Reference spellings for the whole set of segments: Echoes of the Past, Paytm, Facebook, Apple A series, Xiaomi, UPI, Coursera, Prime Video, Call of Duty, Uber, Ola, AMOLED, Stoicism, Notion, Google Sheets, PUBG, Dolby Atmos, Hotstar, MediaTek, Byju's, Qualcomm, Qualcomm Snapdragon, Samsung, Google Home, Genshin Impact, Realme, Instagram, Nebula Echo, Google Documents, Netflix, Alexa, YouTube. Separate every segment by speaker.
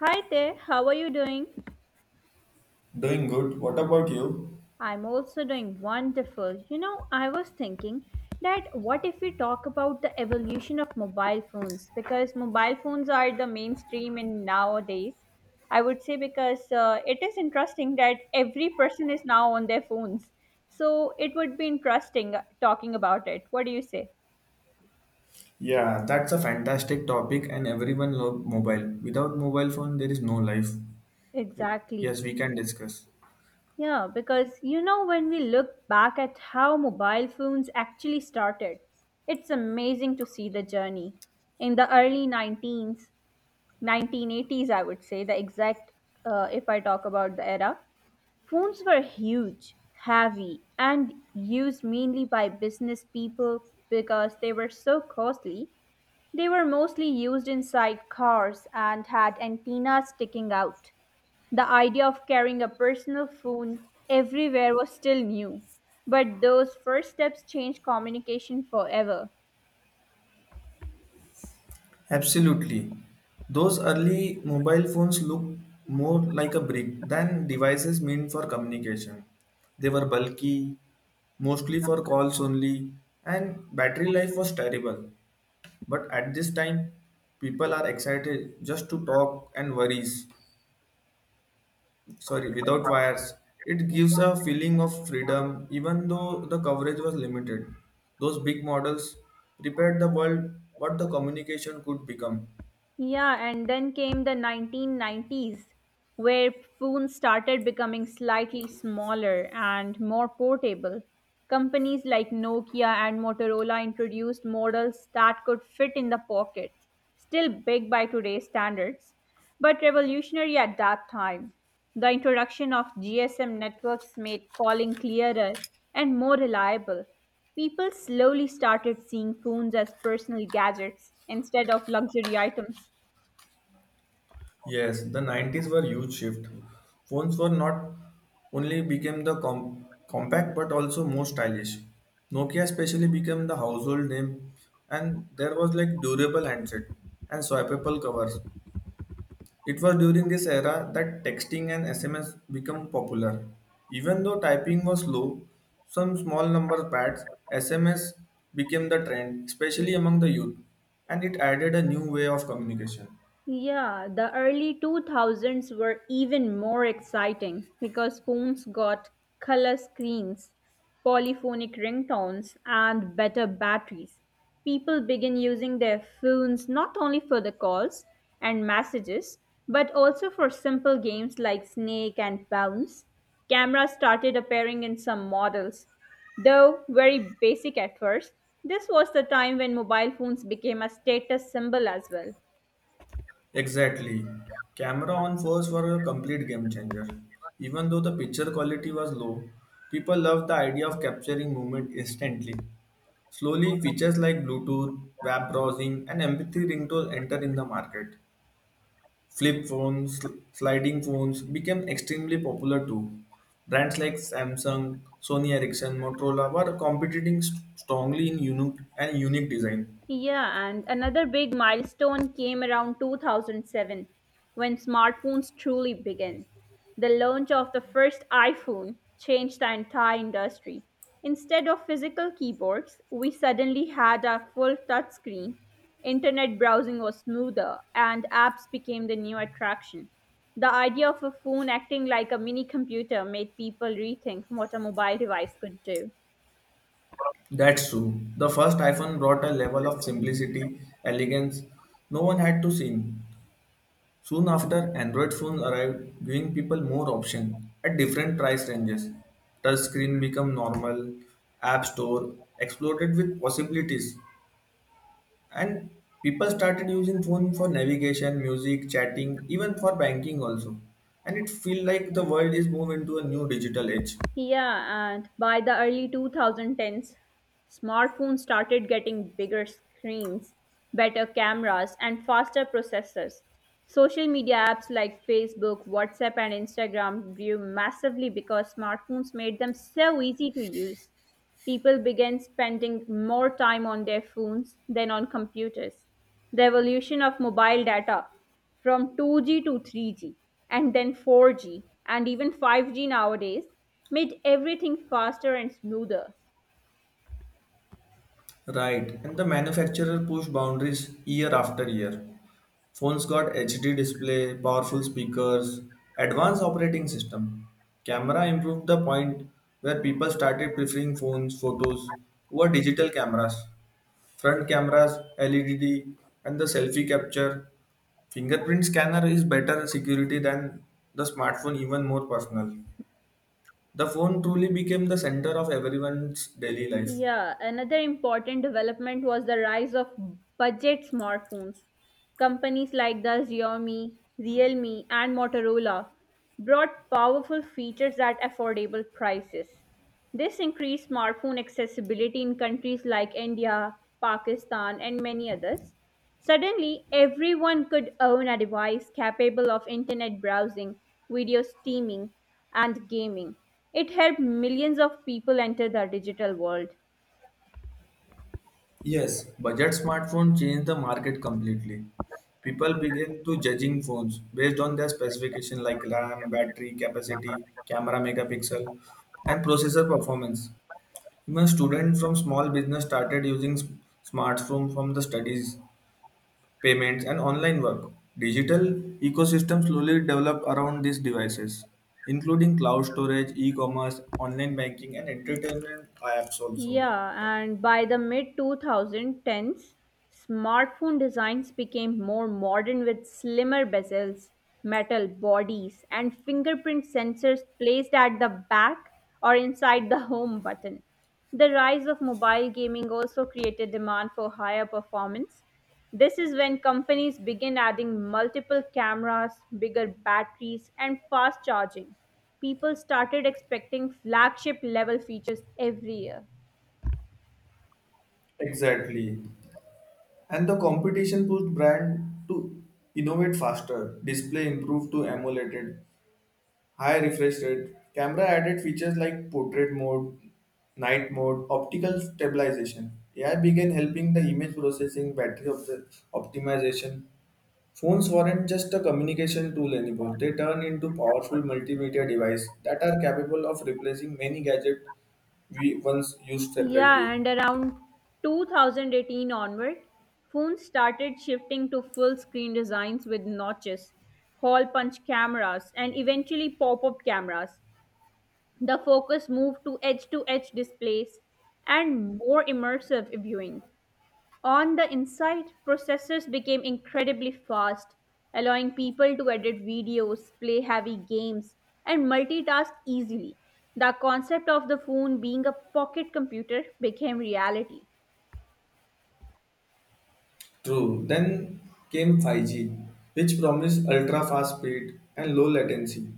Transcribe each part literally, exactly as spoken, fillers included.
Speaker 1: Hi there, how are you doing?
Speaker 2: Doing good. What about you?
Speaker 1: I'm also doing wonderful. You know, I was thinking that what if we talk about the evolution of mobile phones? Because mobile phones are the mainstream in nowadays. I would say because uh, it is interesting that every person is now on their phones. So it would be interesting uh, talking about it. What do you say?
Speaker 2: Yeah, that's a fantastic topic, and everyone love mobile. Without mobile phone, there is no life. We-
Speaker 1: Exactly.
Speaker 2: Yes, we can discuss.
Speaker 1: Yeah, because you know, when we look back at how mobile phones actually started, it's amazing to see the journey. In the early nineteens, nineteen eighties, I would say, the exact, uh, if I talk about the era, phones were huge, heavy, and used mainly by business people because they were so costly. They were mostly used inside cars and had antennas sticking out. The idea of carrying a personal phone everywhere was still new, but those first steps changed communication forever.
Speaker 2: Absolutely. Those early mobile phones look more like a brick than devices meant for communication. They were bulky, mostly for calls only, and battery life was terrible. But at this time, people are excited just to talk and worries, sorry, without wires. It gives a feeling of freedom, even though the coverage was limited. Those big models prepared the world what the communication could become.
Speaker 1: Yeah, and then came the nineteen nineties, where phones started becoming slightly smaller and more portable. Companies like Nokia and Motorola introduced models that could fit in the pocket, still big by today's standards, but revolutionary at that time. The introduction of G S M networks made calling clearer and more reliable. People slowly started seeing phones as personal gadgets instead of luxury items.
Speaker 2: Yes, the nineties were huge shift. Phones were not only became the com- compact but also more stylish. Nokia especially became the household name, and there was like durable handset and swappable covers. It was during this era that texting and S M S became popular. Even though typing was slow, some small number pads, S M S became the trend, especially among the youth, and it added a new way of communication.
Speaker 1: Yeah, the early two thousands were even more exciting because phones got color screens, polyphonic ringtones, and better batteries. People began using their phones not only for the calls and messages, but also for simple games like Snake and Bounce. Cameras started appearing in some models. Though very basic at first, this was the time when mobile phones became a status symbol as well.
Speaker 2: Exactly. Camera on phones were a complete game changer. Even though the picture quality was low, people loved the idea of capturing movement instantly. Slowly, features like Bluetooth, web browsing, and M P three ringtone enter in the market. Flip phones, sl- sliding phones became extremely popular too. Brands like Samsung, Sony Ericsson, Motorola were competing st- strongly in unique and unique design.
Speaker 1: Yeah, and another big milestone came around two thousand seven when smartphones truly began. The launch of the first iPhone changed the entire industry. Instead of physical keyboards, we suddenly had a full touchscreen. Internet browsing was smoother, and apps became the new attraction. The idea of a phone acting like a mini computer made people rethink what a mobile device could do.
Speaker 2: That's true. The first iPhone brought a level of simplicity, elegance no one had to seen. Soon after, Android phones arrived, giving people more options at different price ranges. Touchscreen became normal, App Store exploded with possibilities, and people started using phone for navigation, music, chatting, even for banking also. And it feel like the world is moving into a new digital age.
Speaker 1: Yeah, and by the early twenty tens, smartphones started getting bigger screens, better cameras, and faster processors. Social media apps like Facebook, WhatsApp, and Instagram grew massively because smartphones made them so easy to use. People began spending more time on their phones than on computers. The evolution of mobile data from two G to three G and then four G and even five G nowadays made everything faster and smoother.
Speaker 2: Right. And the manufacturer pushed boundaries year after year. Phones got H D display, powerful speakers, advanced operating system. Camera improved the point where people started preferring phones, photos over digital cameras. Front cameras, L E D, and the selfie capture. Fingerprint scanner is better security than the smartphone, even more personal. The phone truly became the center of everyone's daily life.
Speaker 1: Yeah, another important development was the rise of budget smartphones. Companies like the Xiaomi, Realme, and Motorola brought powerful features at affordable prices. This increased smartphone accessibility in countries like India, Pakistan, and many others. Suddenly, everyone could own a device capable of internet browsing, video streaming, and gaming. It helped millions of people enter the digital world.
Speaker 2: Yes, budget smartphone changed the market completely. People began to judging phones based on their specification like RAM, battery capacity, camera megapixel, and processor performance. Even students from small business started using s- smartphone from the studies payments, and online work. Digital ecosystems slowly develop around these devices, including cloud storage, e-commerce, online banking, and entertainment apps also.
Speaker 1: Yeah, and by the mid twenty tens, smartphone designs became more modern with slimmer bezels, metal bodies, and fingerprint sensors placed at the back or inside the home button. The rise of mobile gaming also created demand for higher performance. This is when companies begin adding multiple cameras, bigger batteries, and fast charging. People started expecting flagship level features every year.
Speaker 2: Exactly. And the competition pushed brand to innovate faster, display improved to emulated, high refresh rate, camera added features like portrait mode, night mode, optical stabilization. A I began helping the image processing, battery op- optimization. Phones weren't just a communication tool anymore. They turned into powerful multimedia devices that are capable of replacing many gadgets we once used
Speaker 1: Yeah,
Speaker 2: separately.
Speaker 1: and around two thousand eighteen onward, phones started shifting to full screen designs with notches, hole punch cameras, and eventually pop up cameras. The focus moved to edge to edge displays and more immersive viewing. On the inside, processors became incredibly fast, allowing people to edit videos, play heavy games, and multitask easily. The concept of the phone being a pocket computer became reality.
Speaker 2: True. Then came five G, which promised ultra fast speed and low latency.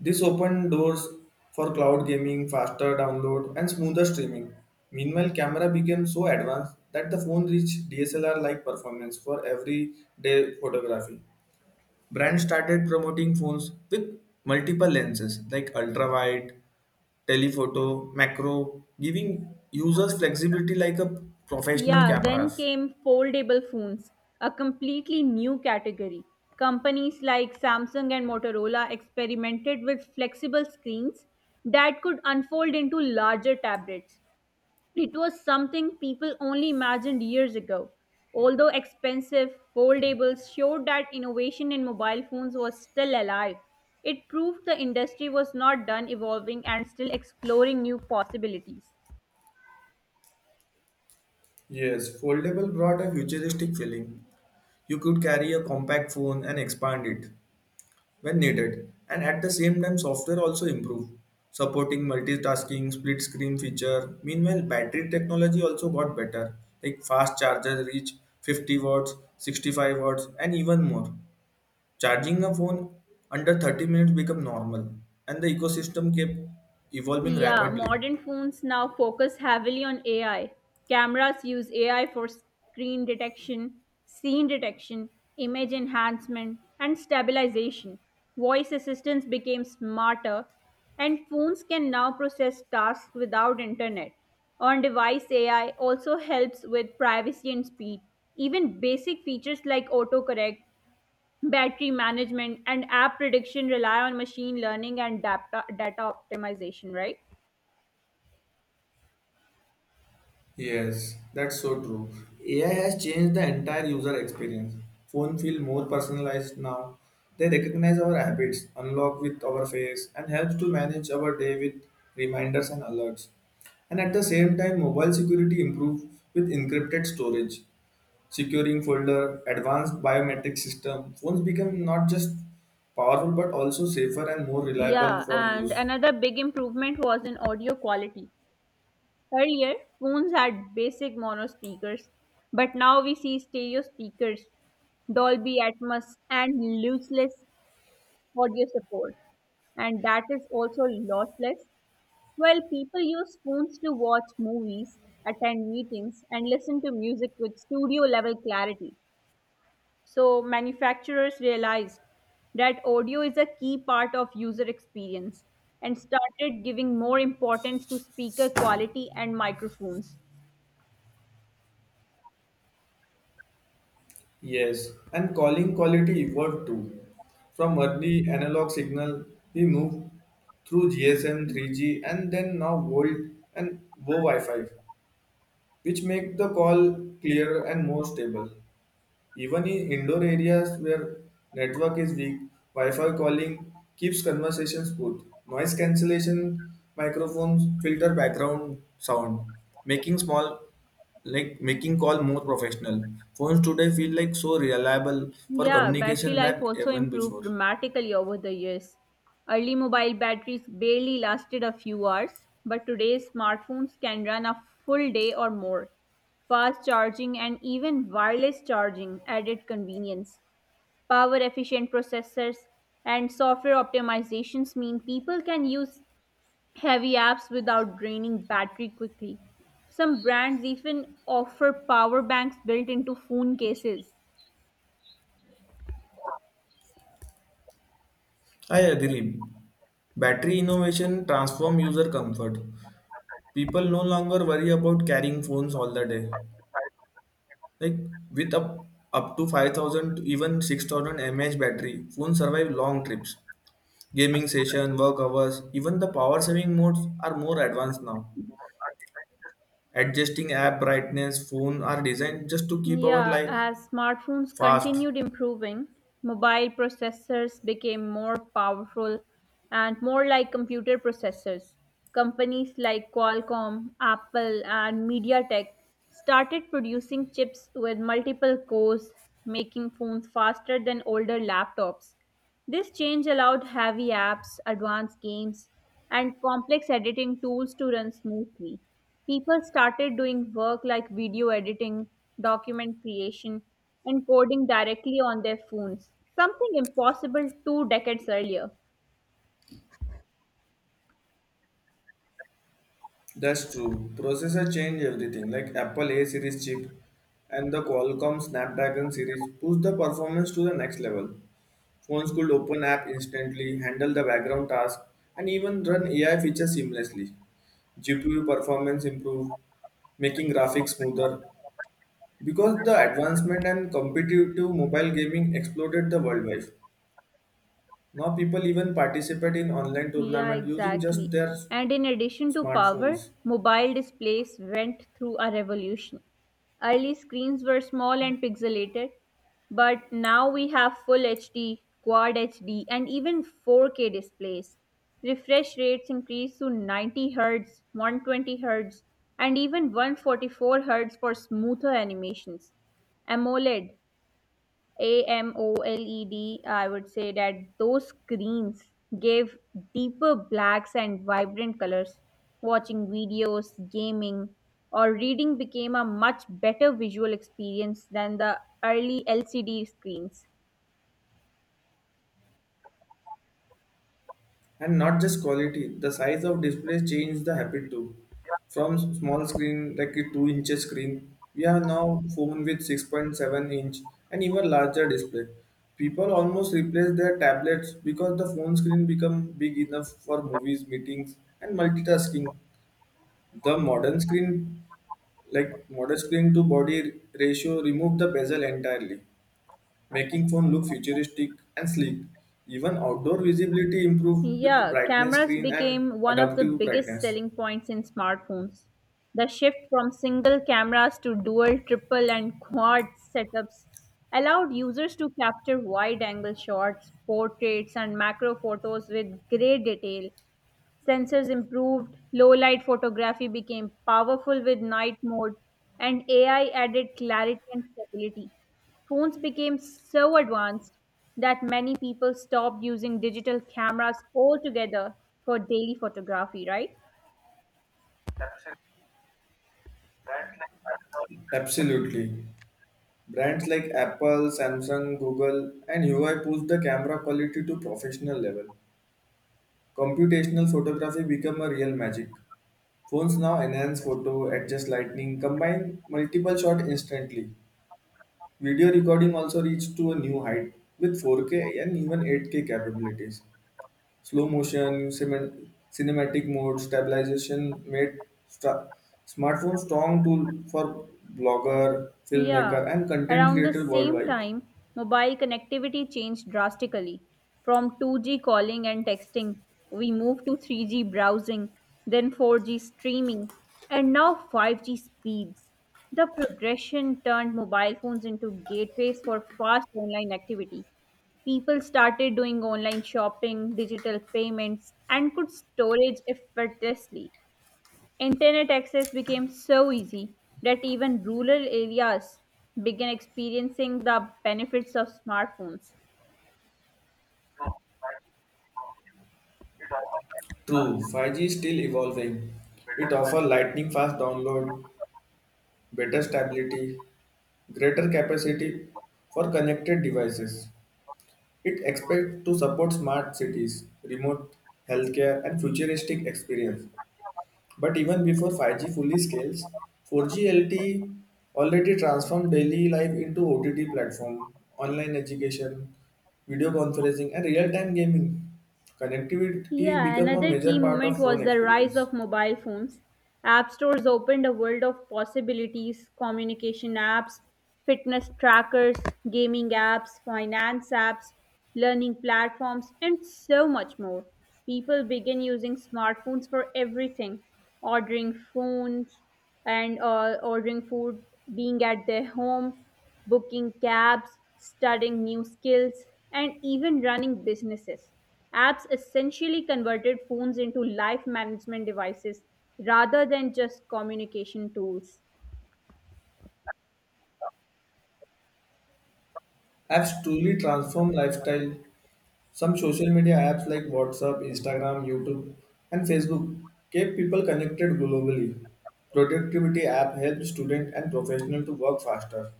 Speaker 2: This opened doors for cloud gaming, faster download, and smoother streaming. Meanwhile, camera became so advanced that the phone reached D S L R like performance for everyday photography. Brands started promoting phones with multiple lenses like ultra wide, telephoto, macro, giving users flexibility like a professional
Speaker 1: Yeah, then
Speaker 2: cameras.
Speaker 1: came foldable phones, a completely new category. Companies like Samsung and Motorola experimented with flexible screens that could unfold into larger tablets. It was something people only imagined years ago. Although expensive, foldables showed that innovation in mobile phones was still alive. It proved the industry was not done evolving and still exploring new possibilities.
Speaker 2: Yes, foldable brought a futuristic feeling. You could carry a compact phone and expand it when needed, and at the same time, software also improved, supporting multitasking, split screen feature. Meanwhile, battery technology also got better, like fast charger reach fifty watts, sixty-five watts, and even more. Charging a phone under thirty minutes became normal, and the ecosystem kept evolving
Speaker 1: Yeah,
Speaker 2: rapidly.
Speaker 1: modern phones now focus heavily on A I. Cameras use A I for screen detection, scene detection, image enhancement, and stabilization. Voice assistants became smarter, and phones can now process tasks without internet. On device A I also helps with privacy and speed. Even basic features like autocorrect, battery management, and app prediction rely on machine learning and data, data optimization, right?
Speaker 2: Yes, that's so true. A I has changed the entire user experience. Phone feel more personalized now. They recognize our habits, unlock with our face, and helps to manage our day with reminders and alerts. And at the same time, mobile security improves with encrypted storage, securing folder, advanced biometric system, phones become not just powerful but also safer and more reliable
Speaker 1: Yeah,
Speaker 2: for
Speaker 1: and
Speaker 2: use.
Speaker 1: another big improvement was in audio quality. Earlier, phones had basic mono speakers, but now we see stereo speakers, Dolby Atmos, and lossless audio support. And that is also lossless. While people use phones to watch movies, attend meetings, and listen to music with studio level clarity. So, manufacturers realized that audio is a key part of user experience and started giving more importance to speaker quality and microphones.
Speaker 2: Yes, and calling quality evolved too. From early analog signal, we moved through G S M, three G, and then now Volt and Vo Wi-Fi, which make the call clearer and more stable. Even in indoor areas where network is weak, Wi-Fi calling keeps conversations smooth. Noise cancellation microphones filter background sound, making small like making call more professional. Phones today feel like so reliable for
Speaker 1: Yeah, battery
Speaker 2: communication
Speaker 1: life
Speaker 2: than
Speaker 1: also
Speaker 2: even
Speaker 1: improved
Speaker 2: before.
Speaker 1: dramatically over the years. Early mobile batteries barely lasted a few hours, but today's smartphones can run a full day or more. Fast charging and even wireless charging added convenience. Power efficient processors and software optimizations mean people can use heavy apps without draining battery quickly. Some brands even offer power banks built into phone cases.
Speaker 2: I agree. Battery innovation transform user comfort. People no longer worry about carrying phones all the day. Like with up up to five thousand to even six thousand mAh battery, phones survive long trips, gaming session, work hours, even the power saving modes are more advanced now. Adjusting app brightness, phone are designed just to keep our
Speaker 1: Yeah,
Speaker 2: life
Speaker 1: as smartphones
Speaker 2: fast.
Speaker 1: continued improving, mobile processors became more powerful and more like computer processors. Companies like Qualcomm, Apple, and MediaTek started producing chips with multiple cores, making phones faster than older laptops. This change allowed heavy apps, advanced games, and complex editing tools to run smoothly. People started doing work like video editing, document creation, and coding directly on their phones, something impossible two decades earlier.
Speaker 2: That's true. Processor change everything like Apple A series chip and the Qualcomm Snapdragon series push the performance to the next level. Phones could open app instantly, handle the background task, and even run A I features seamlessly. G P U performance improved, making graphics smoother. Because the advancement and competitive mobile gaming exploded the worldwide. Now people even participate in online
Speaker 1: Yeah,
Speaker 2: tournament using just
Speaker 1: exactly.
Speaker 2: their
Speaker 1: And in addition to power,
Speaker 2: smartphones.
Speaker 1: mobile displays went through a revolution. Early screens were small and pixelated, but now we have full H D, quad H D, and even four K displays. Refresh rates increased to ninety Hz, one twenty Hz, and even one forty-four Hz for smoother animations. AMOLED, a M O L E D, I would say that those greens gave deeper blacks and vibrant colors. Watching videos, gaming, or reading became a much better visual experience than the early L C D screens.
Speaker 2: And not just quality, the size of displays changed the habit too. From s- small screen, like a two inches screen, we have now phone with six point seven inch and even larger display. People almost replace their tablets because the phone screen become big enough for movies, meetings, and multitasking. The modern screen, like modern screen to body ratio, remove the bezel entirely making phone look futuristic and sleek. Even outdoor visibility improved with
Speaker 1: Yeah,
Speaker 2: brightness
Speaker 1: cameras
Speaker 2: screen and
Speaker 1: became one of the
Speaker 2: adaptive
Speaker 1: biggest
Speaker 2: brightness.
Speaker 1: selling points in smartphones. The shift from single cameras to dual, triple, and quad setups allowed users to capture wide angle shots, portraits, and macro photos with great detail. Sensors improved, low light photography became powerful with night mode, and A I added clarity and stability. Phones became so advanced that many people stopped using digital cameras altogether for daily photography, right?
Speaker 2: Absolutely. Brands like Apple, Samsung, Google, and Huawei push the camera quality to professional level. Computational photography become a real magic. Phones now enhance photo, adjust lighting, combine multiple shots instantly. Video recording also reached to a new height with four K and even eight K capabilities. Slow motion, cinem- cinematic mode, stabilization made sta- smartphone strong tool for blogger,
Speaker 1: Yeah,
Speaker 2: filmmaker, and content
Speaker 1: around the
Speaker 2: creator
Speaker 1: same
Speaker 2: worldwide.
Speaker 1: time, mobile connectivity changed drastically. From two G calling and texting, we moved to three G browsing, then four G streaming, and now five G speeds. The progression turned mobile phones into gateways for fast online activity. People started doing online shopping, digital payments, and could storage effortlessly. Internet access became so easy that even rural areas began experiencing the benefits of smartphones.
Speaker 2: True, five G is still evolving. It offers lightning fast download, better stability, greater capacity for connected devices. It expects to support smart cities, remote healthcare, and futuristic experience. But even before five G fully scales, four G L T E already transformed daily life into O T T platform, online education, video conferencing, and real-time gaming. Connectivity
Speaker 1: Yeah,
Speaker 2: become a
Speaker 1: another
Speaker 2: major
Speaker 1: key
Speaker 2: part
Speaker 1: moment
Speaker 2: of phone
Speaker 1: was the rise
Speaker 2: experience.
Speaker 1: of mobile phones. App stores opened a world of possibilities communication apps, fitness trackers, gaming apps, finance apps, learning platforms, and so much more. People began using smartphones for everything ordering phones and uh, ordering food, being at their home booking cabs, studying new skills, and even running businesses. Apps essentially converted phones into life management devices rather than just communication tools.
Speaker 2: Apps truly transform lifestyle. Some social media apps like WhatsApp, Instagram, YouTube, and Facebook keep people connected globally. Productivity app helps students and professionals to work faster.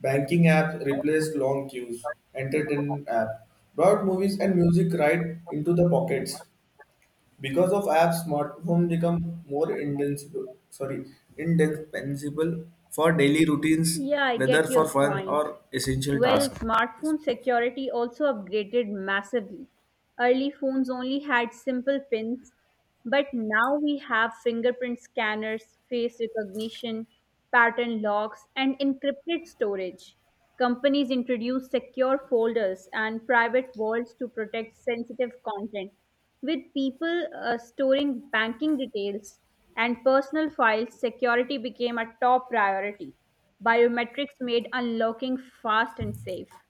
Speaker 2: Banking apps replaced long queues. Entertainment app brought movies and music right into the pockets. Because of apps, smartphone become more indispensable, sorry, indispensable for daily routines,
Speaker 1: Yeah, I
Speaker 2: whether
Speaker 1: get
Speaker 2: for
Speaker 1: your
Speaker 2: fun
Speaker 1: point.
Speaker 2: or essential
Speaker 1: Well,
Speaker 2: tasks.
Speaker 1: smartphone security also upgraded massively. Early phones only had simple pins, but now we have fingerprint scanners, face recognition, pattern locks, and encrypted storage. Companies introduce secure folders and private vaults to protect sensitive content. With people uh, storing banking details and personal files, security became a top priority. Biometrics made unlocking fast and safe.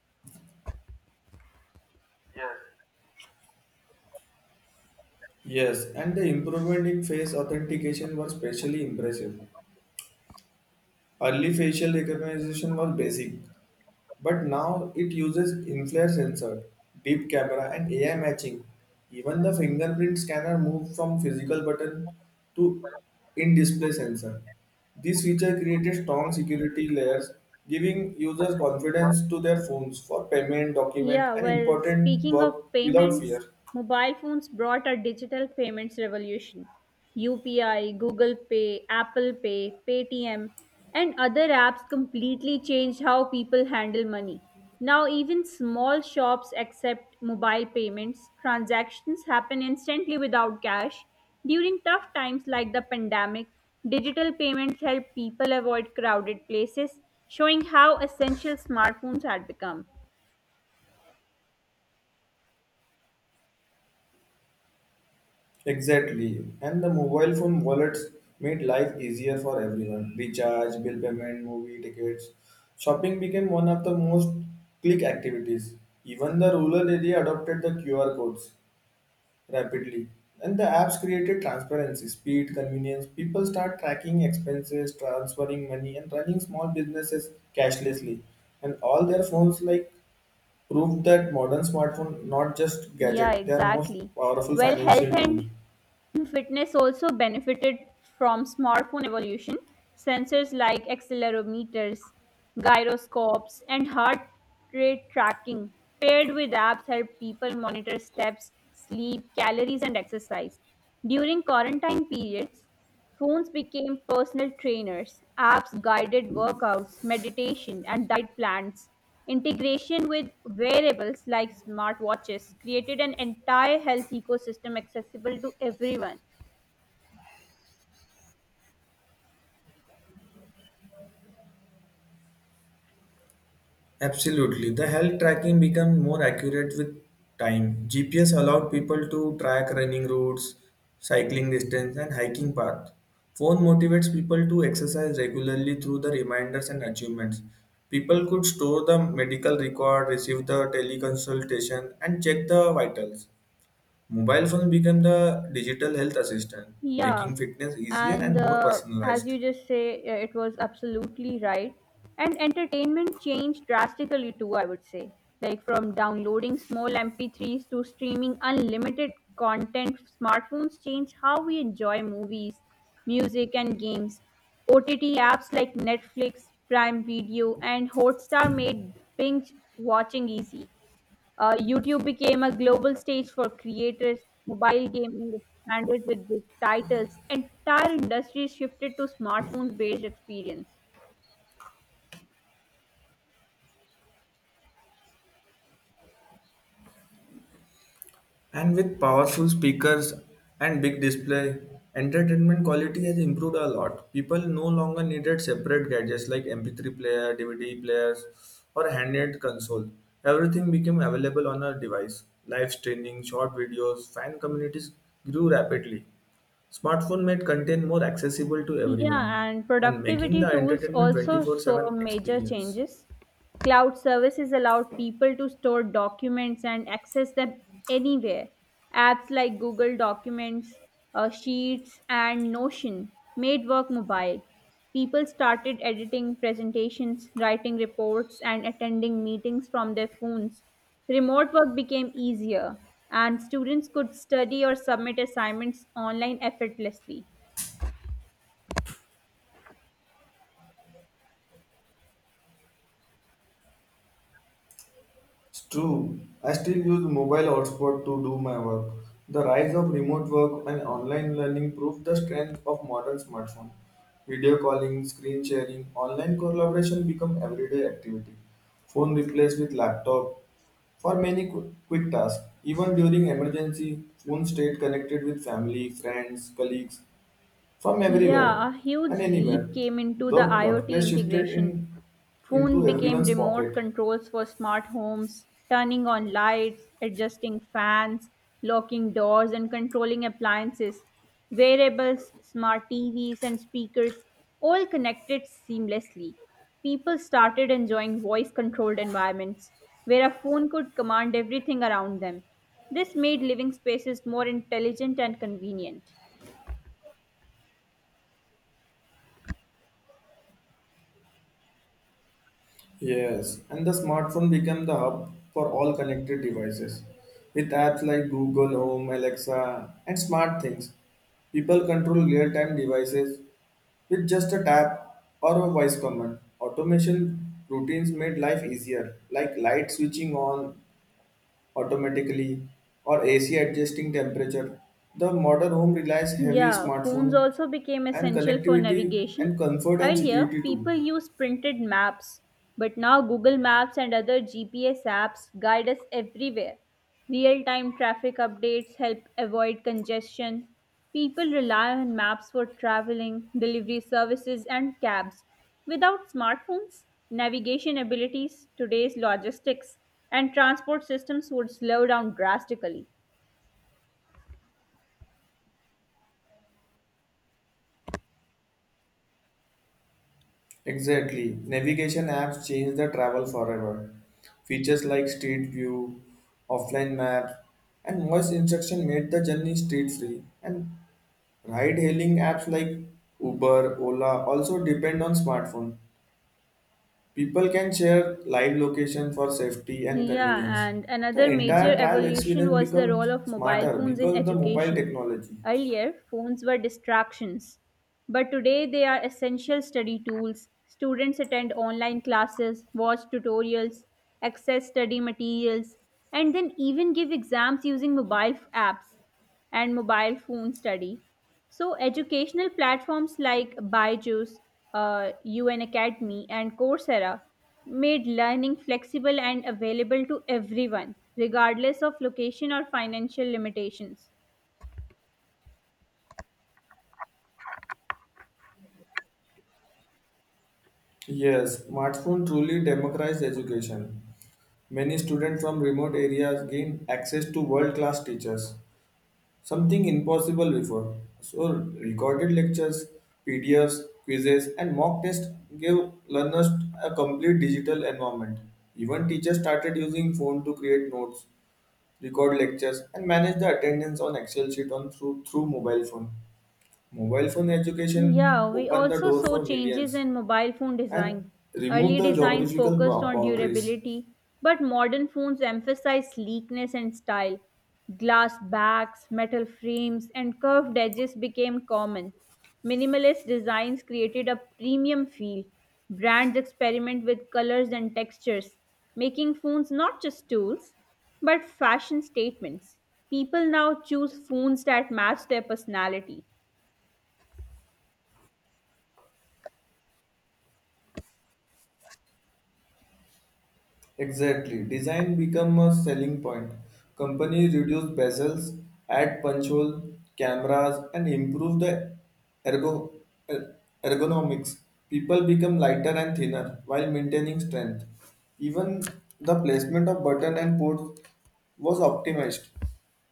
Speaker 2: Yes, and the improvement in face authentication was especially impressive. Early facial recognition was basic, but now it uses infrared sensor, deep camera, and A I matching. Even the fingerprint scanner moved from physical button to in-display sensor. This feature created strong security layers, giving users confidence to their phones for payment, document,
Speaker 1: Yeah,
Speaker 2: and
Speaker 1: well,
Speaker 2: important
Speaker 1: speaking of
Speaker 2: work without fear.
Speaker 1: payments, mobile phones brought a digital payments revolution. U P I, Google Pay, Apple Pay, Paytm, and other apps completely changed how people handle money. Now, even small shops accept mobile payments. Transactions happen instantly without cash. During tough times like the pandemic, digital payments help people avoid crowded places, showing how essential smartphones had become.
Speaker 2: Exactly. And the mobile phone wallets made life easier for everyone. Recharge, bill payment, movie tickets. Shopping became one of the most click activities. Even the rural area adopted the Q R codes rapidly. And the apps created transparency, speed, convenience. People start tracking expenses, transferring money, and running small businesses cashlessly. And all their phones like prove that modern smartphone not just
Speaker 1: Yeah,
Speaker 2: gadget, they are most
Speaker 1: exactly.
Speaker 2: powerful
Speaker 1: Well, health
Speaker 2: financial tool.
Speaker 1: and fitness also benefited from smartphone evolution. Sensors like accelerometers, gyroscopes, and heart rate tracking paired with apps help people monitor steps, sleep, calories, and exercise. During quarantine periods, phones became personal trainers, apps guided workouts, meditation, and diet plans. Integration with wearables like smartwatches created an entire health ecosystem accessible to everyone.
Speaker 2: Absolutely. The health tracking became more accurate with time. G P S allowed people to track running routes, cycling distance, and hiking path. Phone motivates people to exercise regularly through the reminders and achievements. People could store the medical record, receive the teleconsultation, and check the vitals. Mobile phone became the digital health assistant,
Speaker 1: Yeah,
Speaker 2: making fitness easier
Speaker 1: and
Speaker 2: and more
Speaker 1: uh, as
Speaker 2: personalized.
Speaker 1: you just say, uh, it was absolutely right. And entertainment changed drastically too, I would say. Like from downloading small M P threes to streaming unlimited content, smartphones changed how we enjoy movies, music, and games. O T T apps like Netflix, Prime Video, and Hotstar made binge watching easy. Uh, YouTube became a global stage for creators. Mobile gaming expanded with big titles. Entire industries shifted to smartphones based experience.
Speaker 2: And with powerful speakers and big display, entertainment quality has improved a lot. People no longer needed separate gadgets like M P three player, D V D players, or handheld console. Everything became available on a device. Live streaming, short videos, fan communities grew rapidly. Smartphone made content more accessible to everyone
Speaker 1: Yeah, and
Speaker 2: and making the
Speaker 1: productivity tools
Speaker 2: entertainment
Speaker 1: also
Speaker 2: twenty-four seven
Speaker 1: saw major
Speaker 2: experience.
Speaker 1: changes. Cloud services allowed people to store documents and access them anywhere. Apps like Google Documents, uh, Sheets, and Notion made work mobile. People started editing presentations, writing reports, and attending meetings from their phones. Remote work became easier, and students could study or submit assignments online effortlessly.
Speaker 2: It's true. I still use mobile hotspot to do my work. The rise of remote work and online learning prove the strength of modern smartphone. Video calling, screen sharing, online collaboration become everyday activity. Phone replaced with laptop for many qu- quick tasks. Even during emergency, phone stayed connected with family, friends, colleagues from everywhere
Speaker 1: Yeah, a
Speaker 2: and
Speaker 1: huge
Speaker 2: anywhere.
Speaker 1: leap came into
Speaker 2: The
Speaker 1: the IoT
Speaker 2: workplace shifted in
Speaker 1: integration.
Speaker 2: into
Speaker 1: Phone became
Speaker 2: everyone's
Speaker 1: remote
Speaker 2: pocket.
Speaker 1: controls for smart homes, turning on lights, adjusting fans, locking doors, and controlling appliances. Wearables, smart T Vs, and speakers all connected seamlessly. People started enjoying voice controlled environments where a phone could command everything around them. This made living spaces more intelligent and convenient.
Speaker 2: Yes, and the smartphone became the hub for all connected devices. With apps like Google Home, Alexa, and smart things, people control real-time devices with just a tap or a voice command. Automation routines made life easier, like light switching on automatically or A C adjusting temperature. The modern home relies heavy
Speaker 1: Yeah, phones
Speaker 2: smartphone
Speaker 1: also became
Speaker 2: and
Speaker 1: essential for
Speaker 2: connectivity and
Speaker 1: navigation.
Speaker 2: comfort and
Speaker 1: Earlier,
Speaker 2: security too.
Speaker 1: people used printed maps, but now Google Maps and other G P S apps guide us everywhere. Real time traffic updates help avoid congestion. People rely on maps for traveling, delivery services, and cabs. Without smartphones, navigation abilities, today's logistics, and transport systems would slow down drastically.
Speaker 2: Exactly. Navigation apps changed the travel forever. Features like Street View, offline map, and voice instruction made the journey street free. And ride hailing apps like Uber, Ola also depend on smartphone. People can share live location for safety and
Speaker 1: Yeah,
Speaker 2: convenience.
Speaker 1: and
Speaker 2: The
Speaker 1: another major
Speaker 2: entire trial
Speaker 1: evolution
Speaker 2: experience
Speaker 1: was the
Speaker 2: become
Speaker 1: role of mobile
Speaker 2: smarter
Speaker 1: phones in
Speaker 2: because the mobile
Speaker 1: education.
Speaker 2: technology.
Speaker 1: Earlier, phones were distractions, but today they are essential study tools. Students attend online classes, watch tutorials, access study materials, and then even give exams using mobile f- apps and mobile phone study. So, educational platforms like Byju's, uh, UN Academy, and Coursera made learning flexible and available to everyone, regardless of location or financial limitations.
Speaker 2: Yes, smartphone truly democratized education. Many students from remote areas gain access to world class teachers, something impossible before. So, recorded lectures, P D Fs, quizzes, and mock tests give learners a complete digital environment. Even teachers started using phone to create notes, record lectures, and manage the attendance on Excel sheet on through, through mobile phone. Mobile phone education
Speaker 1: Yeah, we
Speaker 2: opened the
Speaker 1: also
Speaker 2: door
Speaker 1: saw
Speaker 2: for
Speaker 1: changes
Speaker 2: millions
Speaker 1: in mobile phone
Speaker 2: and
Speaker 1: design.
Speaker 2: removed
Speaker 1: Early
Speaker 2: the
Speaker 1: designs
Speaker 2: geographical
Speaker 1: focused
Speaker 2: bro-
Speaker 1: on
Speaker 2: boundaries.
Speaker 1: durability, but modern phones emphasize sleekness and style. Glass backs, metal frames, and curved edges became common. Minimalist designs created a premium feel. Brands experiment with colors and textures, making phones not just tools, but fashion statements. People now choose phones that match their personality.
Speaker 2: Exactly. Design become a selling point. Company reduce bezels, add punch hole, cameras, and improve the ergo, er- ergonomics. People become lighter and thinner while maintaining strength. Even the placement of button and ports was optimized.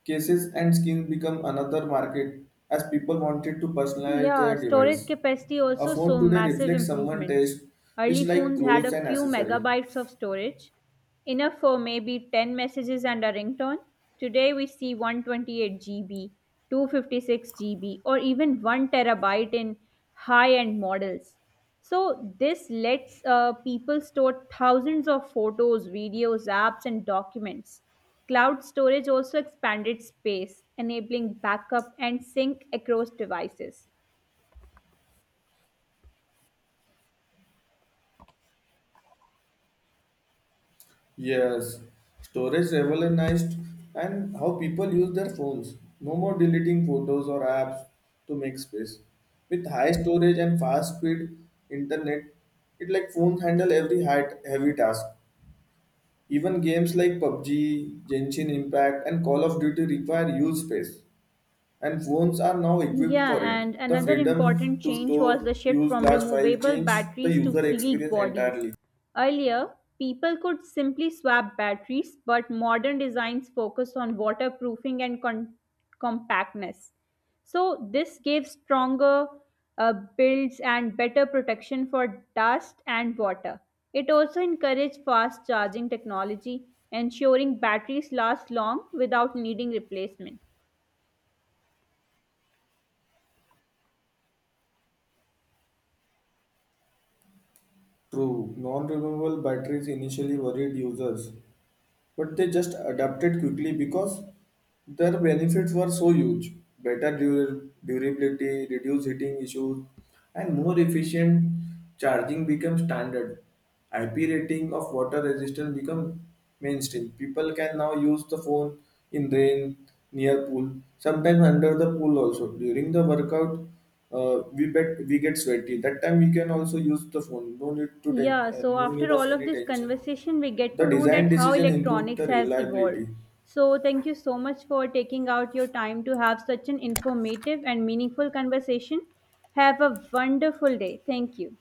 Speaker 2: Cases and skins become another market as people wanted to personalize
Speaker 1: Yeah,
Speaker 2: their
Speaker 1: storage
Speaker 2: device.
Speaker 1: capacity
Speaker 2: A
Speaker 1: also
Speaker 2: phone
Speaker 1: saw
Speaker 2: today
Speaker 1: massive
Speaker 2: reflects someone's
Speaker 1: improvements.
Speaker 2: taste, which
Speaker 1: Early
Speaker 2: like
Speaker 1: phones had
Speaker 2: clothes
Speaker 1: a
Speaker 2: and
Speaker 1: few
Speaker 2: accessory.
Speaker 1: megabytes of storage, enough for maybe ten messages and a ringtone. Today we see one hundred twenty-eight gigabytes, two hundred fifty-six gigabytes, or even one terabyte in high end models. So, this lets uh, people store thousands of photos, videos, apps, and documents. Cloud storage also expanded space, enabling backup and sync across devices.
Speaker 2: Yes, storage revolutionized and how people use their phones. No more deleting photos or apps to make space. With high storage and fast speed internet, it like phones handle every hard, heavy task. Even games like PUBG, Genshin Impact, and Call of Duty require huge space, and phones are now equipped
Speaker 1: Yeah,
Speaker 2: for it.
Speaker 1: and
Speaker 2: The
Speaker 1: another
Speaker 2: freedom
Speaker 1: important
Speaker 2: to
Speaker 1: change was
Speaker 2: store,
Speaker 1: the shift
Speaker 2: use
Speaker 1: from
Speaker 2: large files
Speaker 1: removable
Speaker 2: changes the
Speaker 1: batteries to
Speaker 2: user
Speaker 1: sealed
Speaker 2: experience
Speaker 1: bodies.
Speaker 2: entirely.
Speaker 1: Earlier, people could simply swap batteries, but modern designs focus on waterproofing and con- compactness. So, this gave stronger uh, builds and better protection for dust and water. It also encouraged fast charging technology, ensuring batteries last long without needing replacement.
Speaker 2: True, non-removable batteries initially worried users, but they just adapted quickly because their benefits were so huge better dur- durability, reduced heating issues, and more efficient charging became standard. I P rating of water resistance become mainstream. People can now use the phone in rain, near pool, sometimes under the pool also. During the workout, uh, we bet we get sweaty. That time we can also use the phone. No need to ten-
Speaker 1: Yeah,
Speaker 2: uh,
Speaker 1: so
Speaker 2: no need
Speaker 1: after
Speaker 2: of
Speaker 1: all of
Speaker 2: any
Speaker 1: this
Speaker 2: tension.
Speaker 1: conversation, we get
Speaker 2: The
Speaker 1: to know
Speaker 2: design
Speaker 1: that how
Speaker 2: decision improved the
Speaker 1: electronics has evolved.
Speaker 2: reliability.
Speaker 1: So thank you so much for taking out your time to have such an informative and meaningful conversation. Have a wonderful day. Thank you.